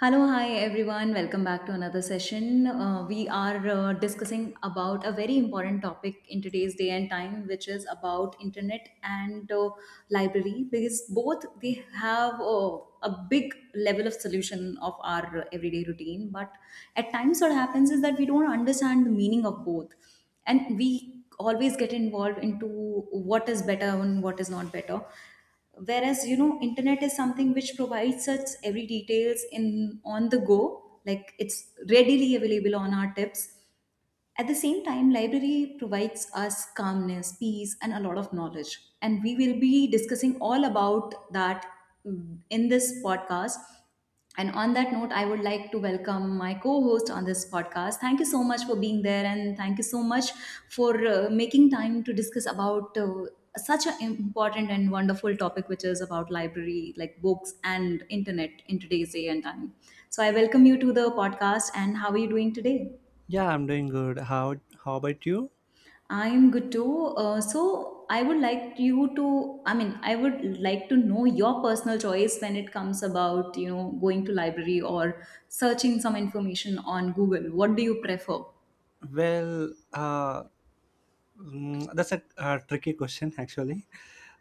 Hello, hi everyone. Welcome back to another session. We are discussing about a very important topic in today's day and time, which is about internet and library, because both they have a big level of solution of our everyday routine. But at times, what happens is that we don't understand the meaning of both, and we always get involved into what is better and what is not better, whereas you know internet is something which provides us every details in on the go, like it's readily available on our tips. At the same time, library provides us calmness, peace, and a lot of knowledge. And we will be discussing all about that in this podcast. And on that note, I would like to welcome my co-host on this podcast. Thank you so much for being there, and thank you so much for making time to discuss about such an important and wonderful topic, which is about library, like books and internet in today's day and time. So I welcome you to the podcast. And how are you doing today? Yeah, I'm doing good. How about you? I am good too. So I would like you to, I mean, I would like to know your personal choice when it comes about, you know, going to library or searching some information on Google. What do you prefer? Well, uh, that's a tricky question actually.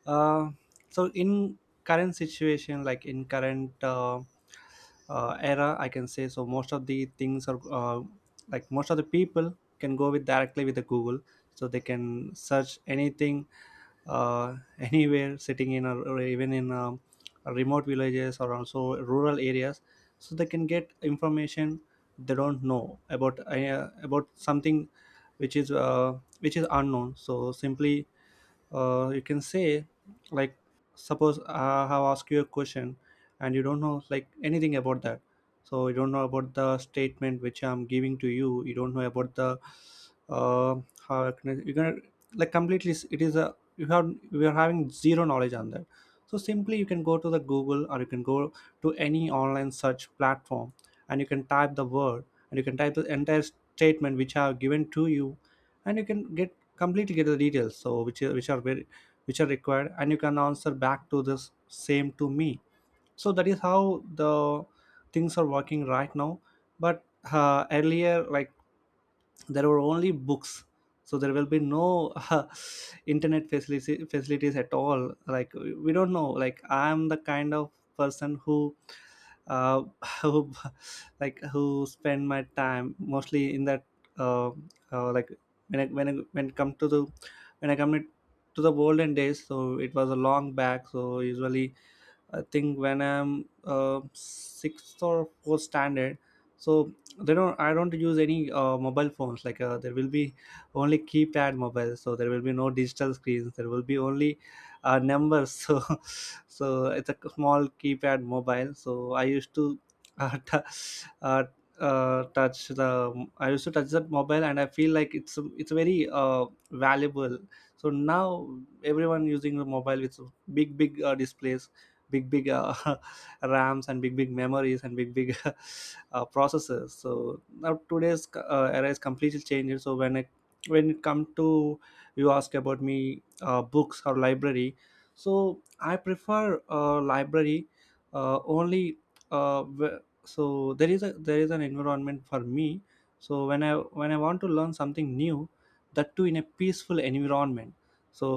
Uh, so in current situation, like in current era, I can say. So most of the things are like most of the people can go with directly with the Google, so they can search anything anywhere sitting in a, or even in remote villages or also rural areas, so they can get information. They don't know about something which is unknown. So simply you can say, like suppose I have asked you a question and you don't know like anything about that, so you don't know about the statement which I'm giving to you, you don't know about the uh, how I can, you're gonna like completely it is a you have we are having zero knowledge on that. So simply you can go to the Google or you can go to any online search platform, and you can type the word, and you can type the entire statement which I have given to you, and you can get completely get the details, so which are very which are required, and you can answer back to this same to me. So that is how the things are working right now. But earlier, like there were only books, so there will be no internet facilities at all. Like we don't know, like I'm the kind of person who uh, who like who spend my time mostly in that uh, like when I, when I, when it come to the when I come it to the olden days, so it was a long back. So usually I think when I'm sixth or fourth standard, so they don't. I don't use any mobile phones. Like there will be only keypad mobile, so there will be no digital screens. There will be only numbers. So, so it's a small keypad mobile. So I used to uh, t- uh, touch the. I used to touch that mobile, and I feel like it's very valuable. So now everyone using the mobile with big big displays, big big rams, and big big memories, and big big processors. So now today's era is completely changed. So when I when it comes to you ask about me books or library, so I prefer library only. uh, wh- so there is a there is an environment for me. So when I when I want to learn something new, that too in a peaceful environment. So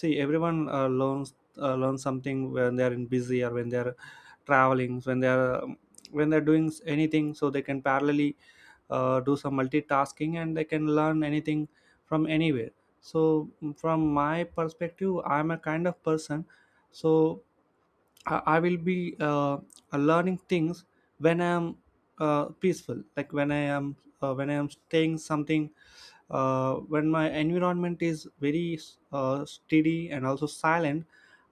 see, everyone learn something when they're in busy or when they're traveling, when they're doing anything, so they can parallelly do some multitasking, and they can learn anything from anywhere. So mm, from my perspective, I'm a kind of person, so I will be learning things when I'm peaceful, like when I am when I am staying something, when my environment is very steady and also silent,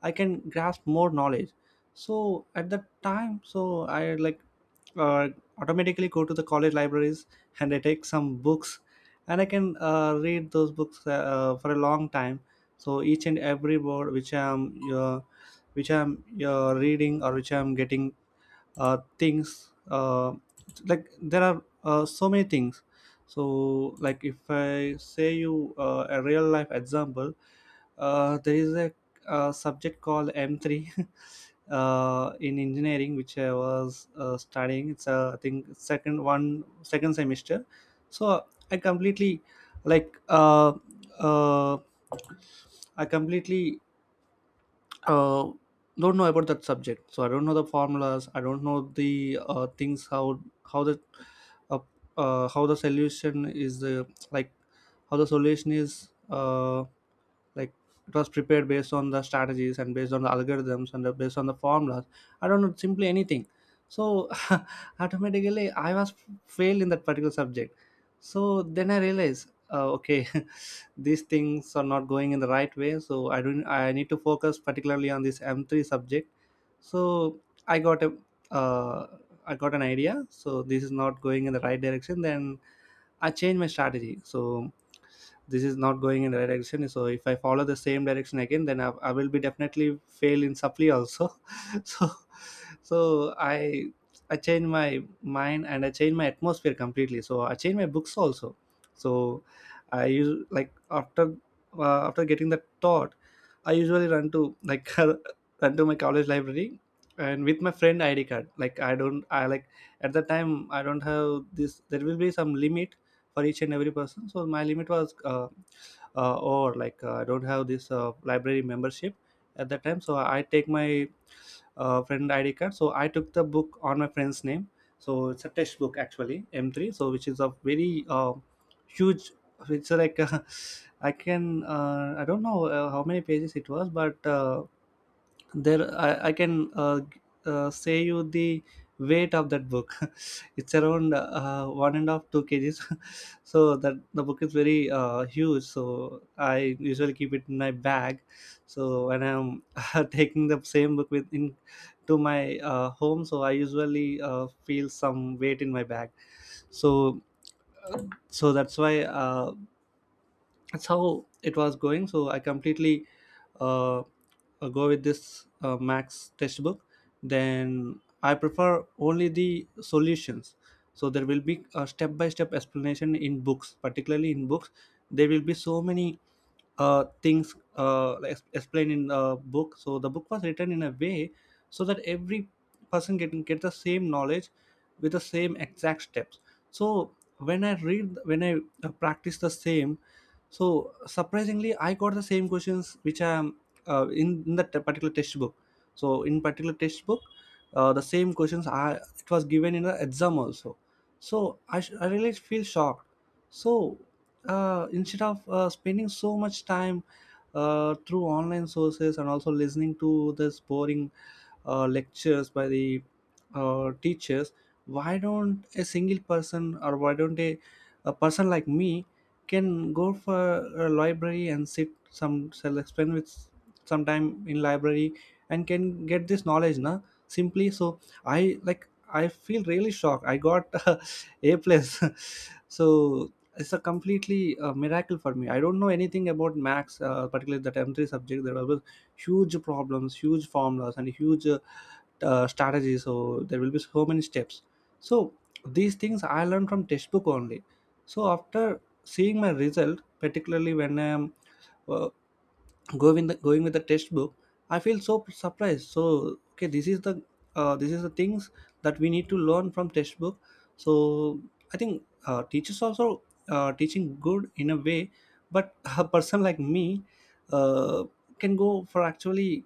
I can grasp more knowledge. So at that time, so I like uh, automatically go to the college libraries, and I take some books, and I can read those books for a long time. So each and every word which I'm reading or which I'm getting things like there are so many things. So like if I say you a real life example, there is a, subject called m3, in engineering, which I was studying. It's a I think second semester. So I completely like uh, uh, i completely uh, don't know about that subject. So I don't know the formulas, I don't know the things how the uh, how the solution is like how the solution is uh, like it was prepared based on the strategies and based on the algorithms and based on the formulas. I don't know simply anything. So automatically I was failed in that particular subject. So then I realized okay, these things are not going in the right way, so I don't I need to focus particularly on this m3 subject. So i got a uh, I got an idea, so this is not going in the right direction. Then I changed my strategy. So this is not going in the right direction, so if I follow the same direction again, then I will be definitely fail in supply also. So so I change my mind, and I change my atmosphere completely, so I change my books also. So I use like after after getting that thought, I usually run to like run to my college library, and with my friend ID card, like I don't I like at the time I don't have this, there will be some limit for each and every person. So my limit was or like I don't have this library membership at that time. So I take my friend ID card. So I took the book on my friend's name. So it's a textbook actually M3. So which is a very huge. It's like I can I don't know how many pages it was, but there I can say you the weight of that book. It's around 1.5 to 2 kg. So that the book is very huge, so I usually keep it in my bag. So when I'm taking the same book with in to my home, so I usually feel some weight in my bag. So uh, so that's why that's how it was going. So I completely uh, go with this max textbook. Then I prefer only the solutions. So there will be a step by step explanation in books, particularly in books. There will be so many things like explained in the book. So the book was written in a way so that every person can get the same knowledge with the same exact steps. So when I read when I practice the same, so surprisingly, I got the same questions which I am in that particular textbook. So in particular textbook, the same questions I it was given in the exam also. So I really feel shocked. So instead of spending so much time through online sources and also listening to this boring lectures by the teachers, why don't a single person or why don't a person like me can go for a library and sit some self spend with some time in library and can get this knowledge na simply. So I like I feel really shocked. I got a plus. So it's a completely miracle for me. I don't know anything about max, particularly that m3 subject. There were huge problems, huge formulas, and huge strategy. So there will be so many steps. So these things I learned from textbook only. So after seeing my result, particularly when I am uh, going with the textbook, I feel so surprised. So okay, this is the things that we need to learn from textbook. So I think teachers also teaching good in a way. But a person like me uh, can go for actually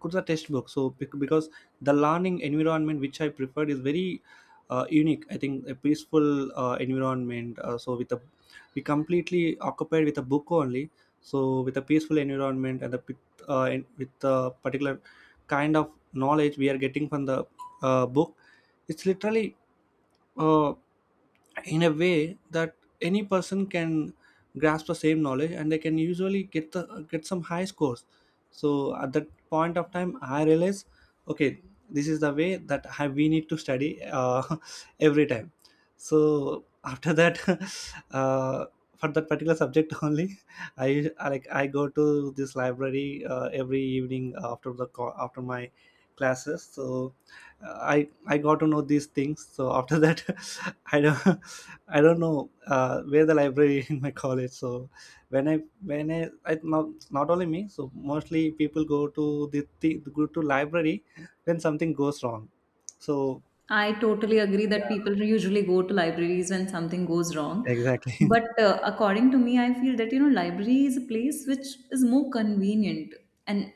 could the textbook. So because the learning environment which I preferred is very unique. I think a peaceful environment, so with a we completely occupied with a book only. So with a peaceful environment and the with a particular kind of knowledge we are getting from the book, it's literally uh, in a way that any person can grasp the same knowledge, and they can usually get the get some high scores. So at that point of time I realize, okay, this is the way that we need to study every time. So after that uh, for that particular subject only I like I go to this library every evening after the after my classes. So I got to know these things. So after that i don't I don't know where the library in my college. So when I when I, I not, not only me, so mostly people go to the go to library when something goes wrong. So I totally agree that people usually go to libraries when something goes wrong. exactly. But according to me, I feel that, you know, library is a place which is more convenient. And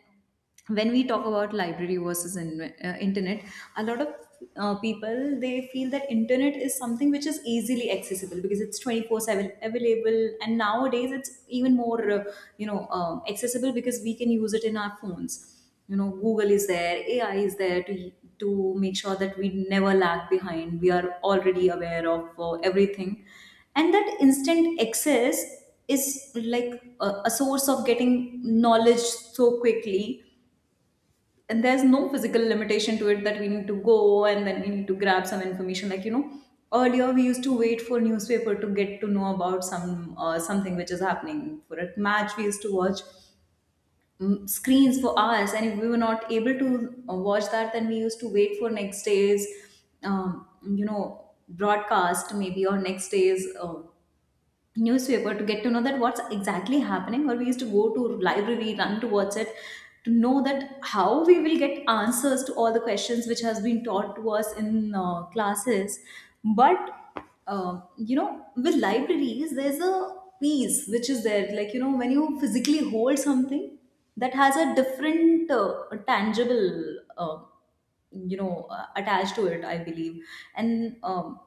when we talk about library versus internet, a lot of people, they feel that internet is something which is easily accessible because it's 24/7 available. And nowadays, it's even more, you know, accessible because we can use it in our phones. You know, Google is there, AI is there to to make sure that we never lag behind, we are already aware of everything. And that instant access is, like, a source of getting knowledge so quickly. And there's no physical limitation to it that we need to go and then we need to grab some information. Like, you know, earlier we used to wait for newspaper to get to know about some something which is happening. For a match, we used to watch screens for hours, and if we were not able to watch that, then we used to wait for next day's you know, broadcast, maybe, or next day's newspaper to get to know that what's exactly happening, or we used to go to library, run towards it to know that how we will get answers to all the questions which has been taught to us in classes. But you know, with libraries there's a piece which is there, like, you know, when you physically hold something, that has a different tangible you know, attached to it, I believe. And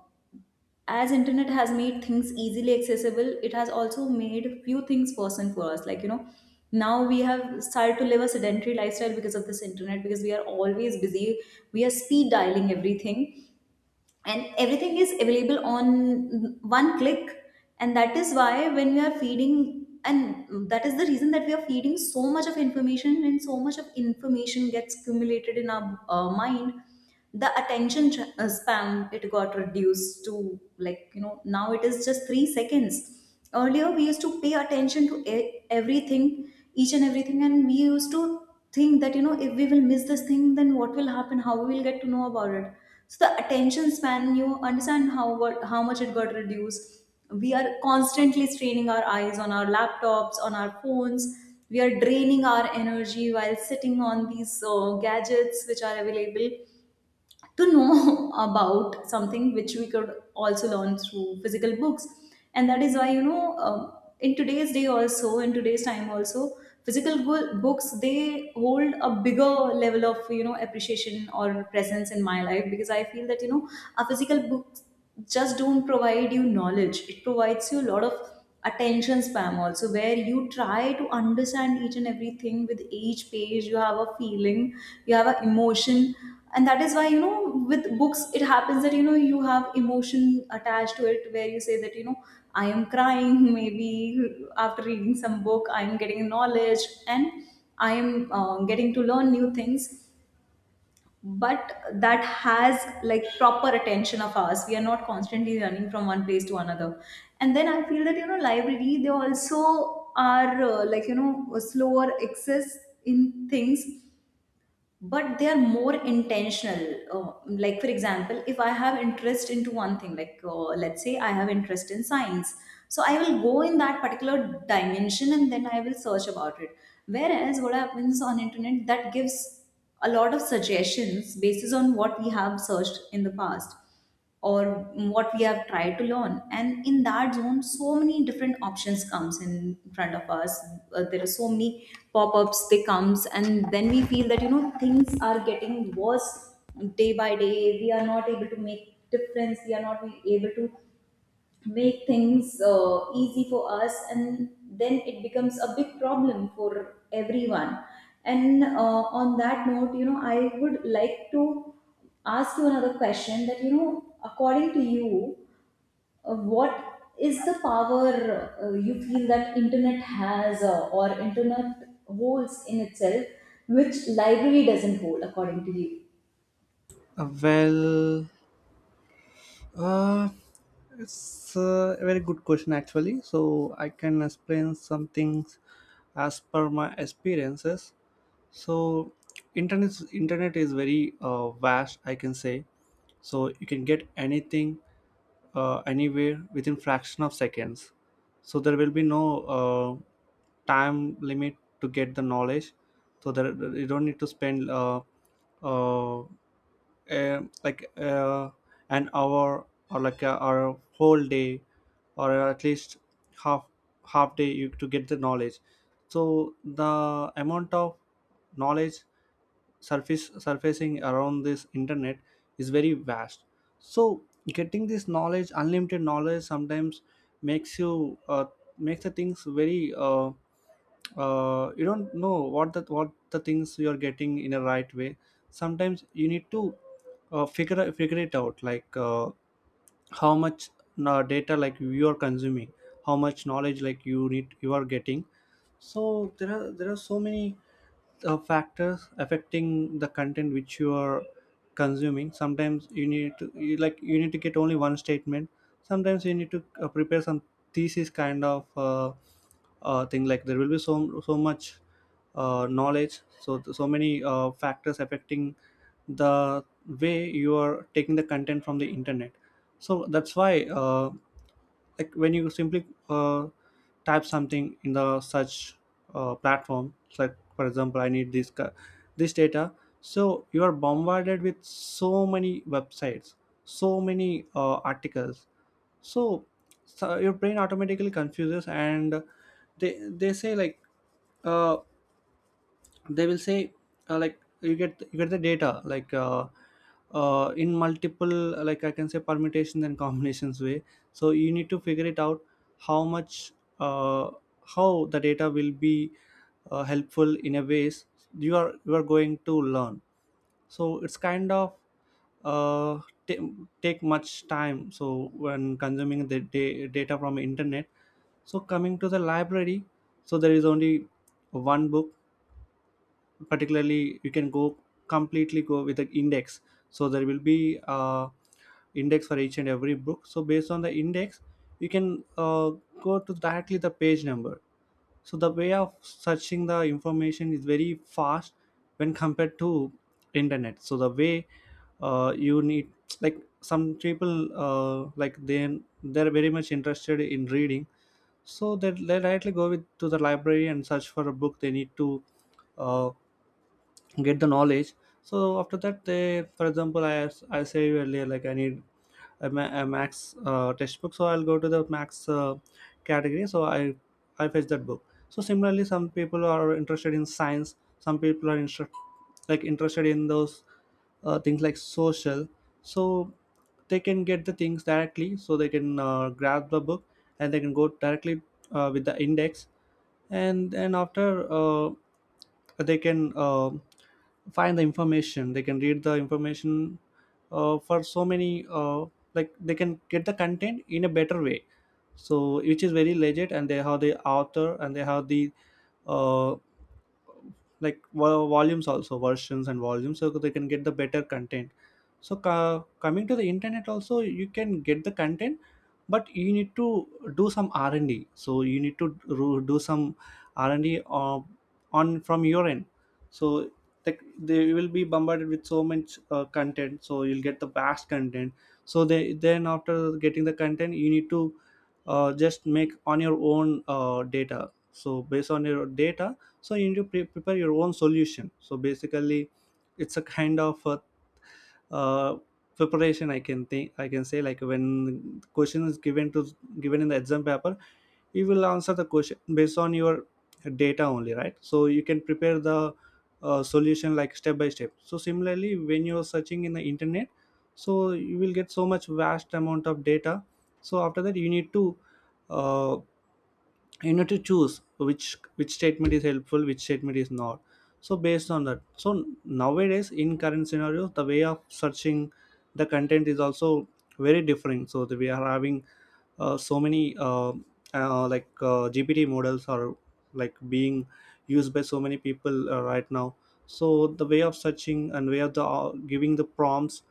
as internet has made things easily accessible, it has also made few things possible for us. Like, you know, now we have started to live a sedentary lifestyle because of this internet, because we are always busy, we are speed dialing everything, and everything is available on one click. And that is why when we are feeding, and that is the reason that we are feeding so much of information, and so much of information gets accumulated in our mind. The attention span, it got reduced to, like, you know, now it is just 3 seconds. Earlier we used to pay attention to everything, each and everything, and we used to think that, you know, if we will miss this thing then what will happen, how we will get to know about it. So the attention span, you understand how, what, how much it got reduced. We are constantly straining our eyes on our laptops, on our phones. We are draining our energy while sitting on these gadgets which are available to know about something which we could also learn through physical books. And that is why, you know, in today's day also, in today's time also, physical books, they hold a bigger level of, you know, appreciation or presence in my life, because I feel that, you know, a physical book just don't provide you knowledge, it provides you a lot of attention spam also, where you try to understand each and everything. With each page, you have a feeling, you have an emotion. And that is why, you know, with books it happens that, you know, you have emotion attached to it, where you say that, you know, I am crying maybe after reading some book. I am getting knowledge, and I am getting to learn new things. But that has like proper attention of ours, we are not constantly running from one place to another. And then I feel that, you know, library, they also are like, you know, a slower access in things, but they are more intentional. Like, for example, if I have interest into one thing, like, let's say I have interest in science, so I will go in that particular dimension and then I will search about it. Whereas what happens on internet that gives a lot of suggestions basis on what we have searched in the past, or what we have tried to learn, and in that zone so many different options comes in front of us. There are so many pop-ups, they comes, and then we feel that, you know, things are getting worse day by day. We are not able to make difference, we are not able to make things easy for us, and then it becomes a big problem for everyone. And on that note, you know, I would like to ask you another question, that, you know, according to you, what is the power you feel that internet has, or internet holds in itself, which library doesn't hold, according to you? Uh, well, uh, it's a very good question actually. So I can explain some things as per my experiences. So internet is very vast, I can say. So you can get anything anywhere within fraction of seconds, so there will be no time limit to get the knowledge. So there you don't need to spend uh, eh, like uh, an hour or or a whole day, or at least half half day to get the knowledge. So the amount of knowledge surface surfacing around this internet is very vast. So getting this knowledge, unlimited knowledge, sometimes makes you makes the things very you don't know what the things you are getting in a right way. Sometimes you need to figure it out, like how much data like you are consuming, how much knowledge like you need you are getting. So there are so many factors affecting the content which you are consuming. Sometimes you need to you need to get only one statement. Sometimes you need to prepare some thesis kind of thing. Like, there will be so so much knowledge, so so many factors affecting the way you are taking the content from the internet. So that's why, like, when you simply type something in the search platform, it's like for example I need this data, so you are bombarded with so many websites, so many articles. So, so your brain automatically confuses, and they say like, uh, they will say, like you get the data like, in multiple like I can say permutations and combinations way. So you need to figure it out how much, uh, how the data will be helpful in a ways you are going to learn. So it's kind of uh, ta- take much time so when consuming data from internet. So coming to the library, so there is only one book particularly. You can go completely go with the index. So there will be index for each and every book, so based on the index you can go to directly the page number. So the way of searching the information is very fast when compared to internet. So the way you need, like some people like, then they're very much interested in reading, so they directly go with to the library and search for a book they need to uh, get the knowledge. So after that, they, for example, I said earlier like I need a max textbook, so I'll go to the max category, so I fetch that book. So similarly, some people are interested in science, some people are interested in those things like social. So they can get the things directly, so they can grab the book, and they can go directly with the index, and then after they can find the information, they can read the information for so many like they can get the content in a better way. So which is very legit, and they have the author, and they have the uh, like volumes also, versions and volumes, so they can get the better content. So coming to the internet also, you can get the content, but you need to do some r&d. So you need to do some r&d on from your end. So like they will be bombarded with so much content, so you'll get the vast content. So they, then after getting the content, you need to just make on your own data. So based on your data, so you need to prepare your own solution. So basically, it's a kind of uh, preparation, I can think, I can say, like, when question is given in the exam paper, you will answer the question based on your data only, right? So you can prepare the solution like step by step. So similarly, when you're searching in the internet, so you will get so much vast amount of data. So after that, uh, you need to choose which statement is helpful, which statement is not. So based on that, so nowadays, in current scenario, the way of searching the content is also very different, so that we are having so many gpt models are like being used by so many people right now. So the way of searching and way of the giving the prompts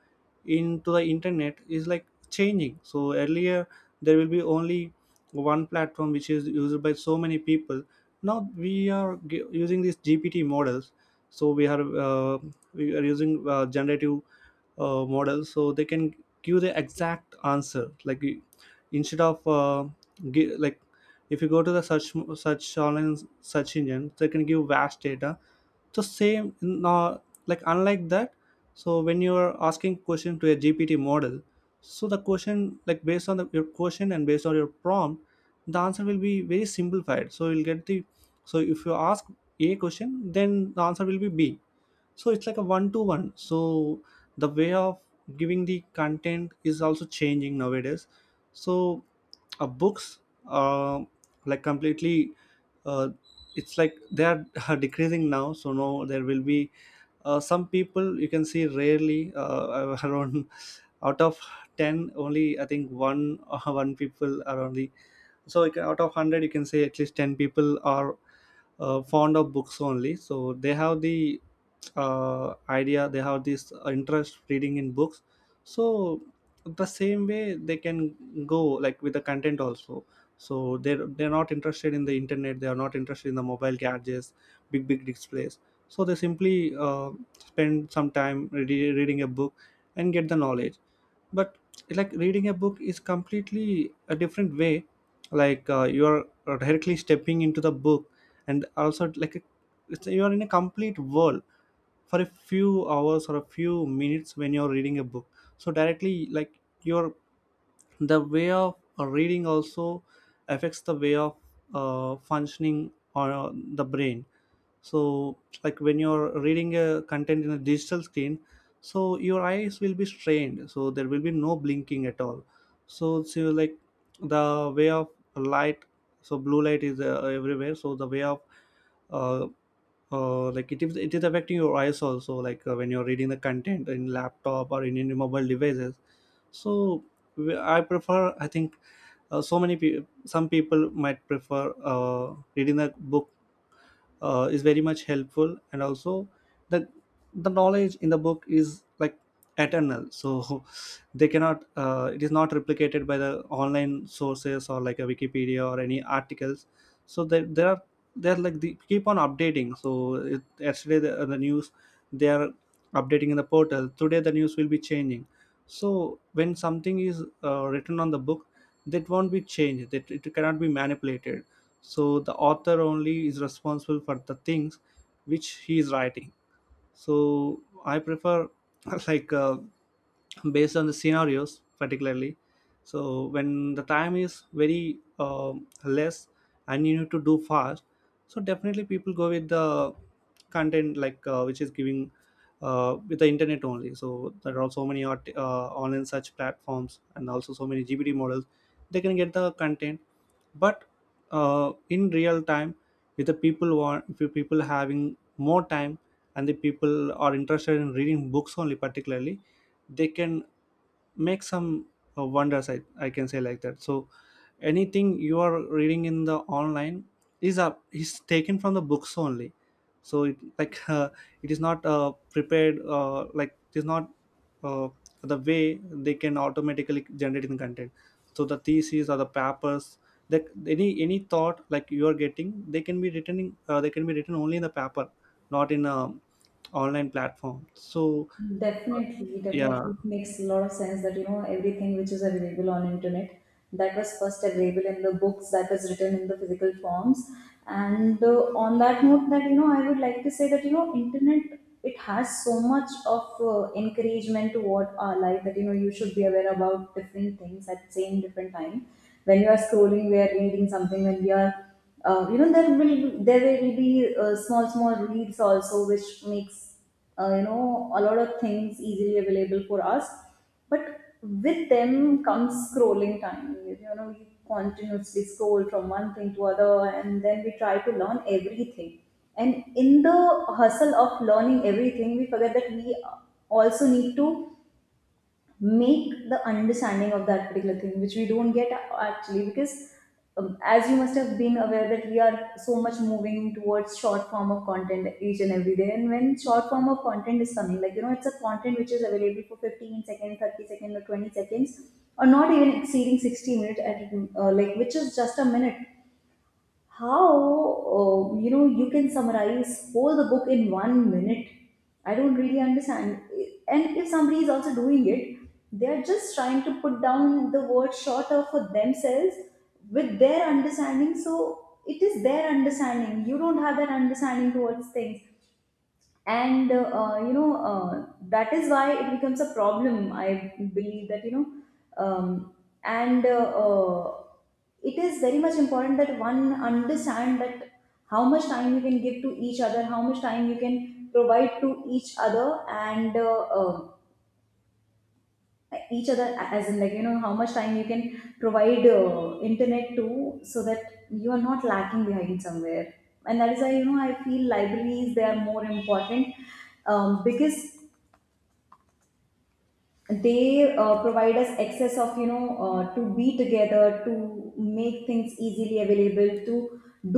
into the internet is like changing. So earlier, there will be only one platform which is used by so many people. Now we are using these gpt models, so we are using generative models, so they can give the exact answer, like, instead of uh, gi- like if you go to the search online search engine, they can give vast data the same, uh, like, unlike that. So when you're asking question to a gpt model, so the question, like, based on your question and based on your prompt, the answer will be very simplified. So you'll get the, so if you ask a question, then the answer will be b, so it's like a one to one. So the way of giving the content is also changing nowadays. So books uh, completely uh, it's like they are decreasing now. So no, there will be some people you can see rarely around. Out of 10 only, I think, one one people are only. So you can, out of 100, you can say at least 10 people are fond of books only. So they have the idea, they have this interest reading in books. So the same way they can go like with the content also. So they're not interested in the internet, they are not interested in the mobile gadgets, big big displays. So they simply spend some time reading a book and get the knowledge. But like, reading a book is completely a different way. Like, you are directly stepping into the book, and also like you are in a complete world for a few hours or a few minutes when you're reading a book. So directly, like, your, the way of reading also affects the way of functioning or the brain. So like, when you're reading a content in a digital screen, so your eyes will be strained, so there will be no blinking at all. So, so like, the way of light, so blue light is everywhere. So the way of uh, like, it is affecting your eyes also, like when you're reading the content in laptop or in any mobile devices. So I prefer, I think so many people, some people might prefer uh, reading a book is very much helpful. And also, the the knowledge in the book is like eternal. So they cannot, it is not replicated by the online sources, or like a wikipedia or any articles. So there are, they're like, they keep on updating. So it, yesterday the news they are updating in the portal, today the news will be changing. So when something is written on the book, that won't be changed, that, it cannot be manipulated. So the author only is responsible for the things which he is writing. So I prefer like, based on the scenarios particularly. So when the time is very less and you need to do fast, so definitely people go with the content like, which is giving with the internet only. So there are so many online search platforms, and also so many gpt models, they can get the content. But in real time, if the people want, if the people having more time, and the people are interested in reading books only particularly, they can make some wonders, I can say like that. So anything you are reading in the online is up is taken from the books only. So it like it is not prepared like, it is not uh, the way they can automatically generate the content. So the theses or the papers, that, any thought like you are getting, they can be written in, they can be written only in the paper, not in a online platform. So Definitely, yeah. definitely it makes a lot of sense that, you know, everything which is available on internet, that was first available in the books, that was written in the physical forms. And on that note, that, you know, I would like to say that, you know, internet, it has so much of encouragement toward our life, that, you know, you should be aware about different things at same different time. When you are scrolling, we are reading something. When we are you know, there will be small small reels also, which makes you know, a lot of things easily available for us. But with them comes scrolling time. You know, we continuously scroll from one thing to other, and then we try to learn everything. And in the hustle of learning everything, we forget that we also need to make the understanding of that particular thing, which we don't get actually. Because as you must have been aware that we are so much moving towards short form of content each and every day. And when short form of content is coming, like, you know, it's a content which is available for 15 seconds, 30 seconds, or 20 seconds, or not even exceeding 60 minutes at, like, which is just a minute. How, you know, you can summarize whole the book in 1 minute, I don't really understand. And if somebody is also doing it, they are just trying to put down the word shorter for themselves with their understanding. So it is their understanding, you don't have that understanding towards things. And you know, that is why it becomes a problem, I believe, that, you know, um, and it is very much important that one understand that how much time you can give to each other, how much time you can provide to each other. And each other as in, like, you know, how much time you can provide internet to, so that you are not lacking behind somewhere. And that is why, you know, I feel libraries, they are more important, because they provide us access of, you know, to be together, to make things easily available, to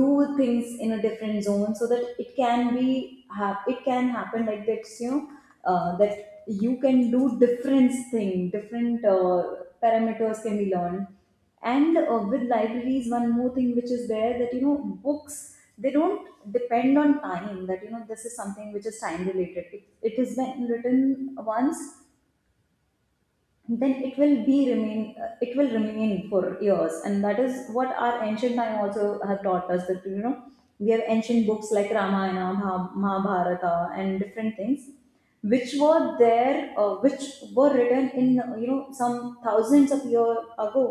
do things in a different zone, so that it can be it can happen like that, you know, that you can do different thing, different parameters can be learned. And with libraries, one more thing which is there, that, you know, books, they don't depend on time. That, you know, this is something which is time related. It has been written once, then it will be remain it will remain for years. And that is what our ancient time also have taught us, that, you know, we have ancient books like Ramayana, Mahabharata and different things which were there, which were written in some thousands of years ago.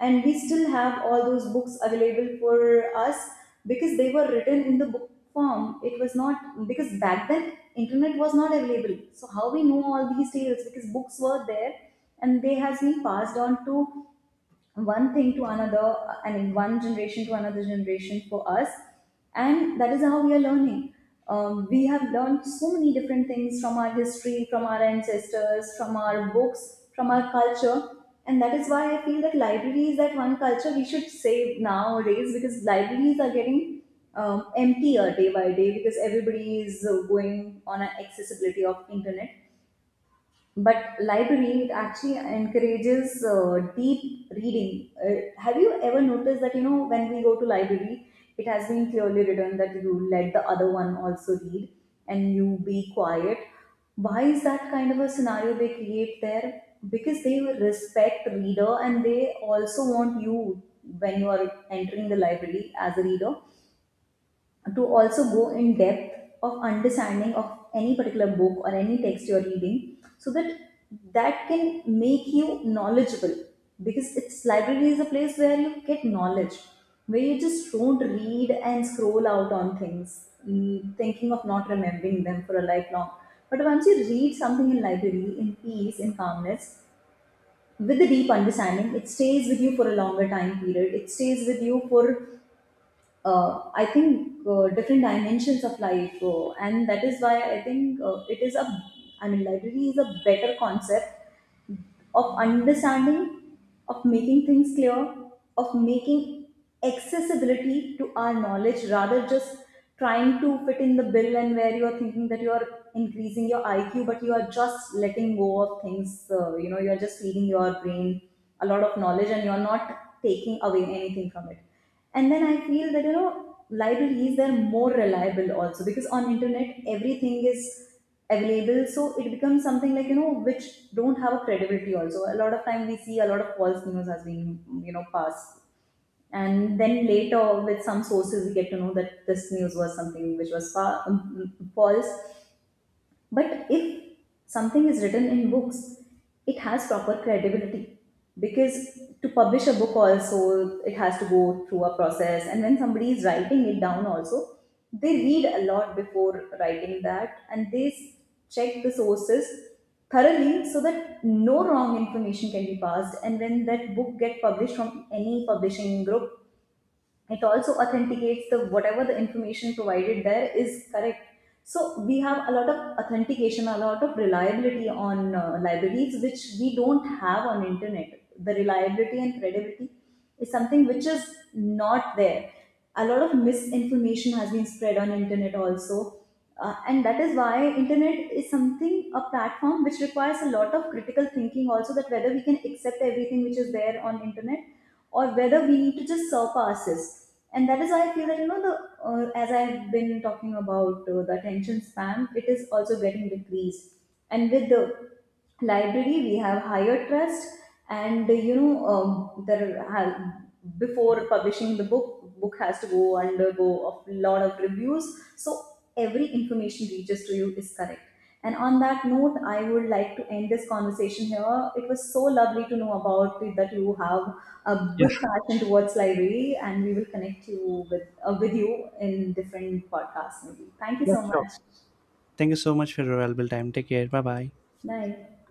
And we still have all those books available for us because they were written in the book form. It was not because back then internet was not available. So how we know all these tales? Because books were there and they has been passed on to one thing to another, I mean one generation to another generation for us. And that is how we are learning. We have learned so many different things from our history, from our ancestors, from our books, from our culture. And that is why I feel that library is that one culture we should save nowadays, because libraries are getting emptier day by day, because everybody is going on an accessibility of internet. But library, it actually encourages deep reading. Have you ever noticed that you know when we go to library, it has been clearly written that you let the other one also read and you be quiet. Why is that kind of a scenario they create there? Because they respect reader, and they also want you, when you are entering the library as a reader, to also go in depth of understanding of any particular book or any text you're reading, so that that can make you knowledgeable, because it's library is a place where you get knowledge, where you just don't read and scroll out on things, thinking of not remembering them for a lifelong. But once you read something in library, in peace, in calmness, with a deep understanding, it stays with you for a longer time period. It stays with you for I think different dimensions of life. And that is why I think it is a, I mean, library is a better concept of understanding, of making things clear, of making accessibility to our knowledge, rather just trying to fit in the bill, and where you are thinking that you are increasing your IQ, but you are just letting go of things. You are just feeding your brain a lot of knowledge and you are not taking away anything from it. And then I feel that you know libraries, they're more reliable also, because on internet everything is available, so it becomes something like you know which don't have a credibility also. A lot of time we see a lot of false news has been you know passed, and then later with some sources we get to know that this news was something which was false. But if something is written in books, it has proper credibility, because to publish a book also it has to go through a process, and when somebody is writing it down also, they read a lot before writing that, and check the sources thoroughly so that no wrong information can be passed. And when that book get published from any publishing group, it also authenticates the whatever the information provided there is correct. So we have a lot of authentication, a lot of reliability on libraries, which we don't have on internet. The reliability and credibility is something which is not there. A lot of misinformation has been spread on internet also. And that is why internet is something, a platform which requires a lot of critical thinking also, that whether we can accept everything which is there on internet or whether we need to just surpass this. And that is why I feel that you know the, as I've been talking about, the attention span, it is also getting decreased. And with the library we have higher trust. And there ha- before publishing the book, book has to go undergo a lot of reviews, so every information reaches to you is correct. And on that note, I would like to end this conversation here. It was so lovely to know about it, that you have a Yeah. big passion towards library, and we will connect you with you in different podcasts. Maybe. Thank you Yeah, so sure. much. Thank you so much for your valuable time. Take care. Bye bye. Bye.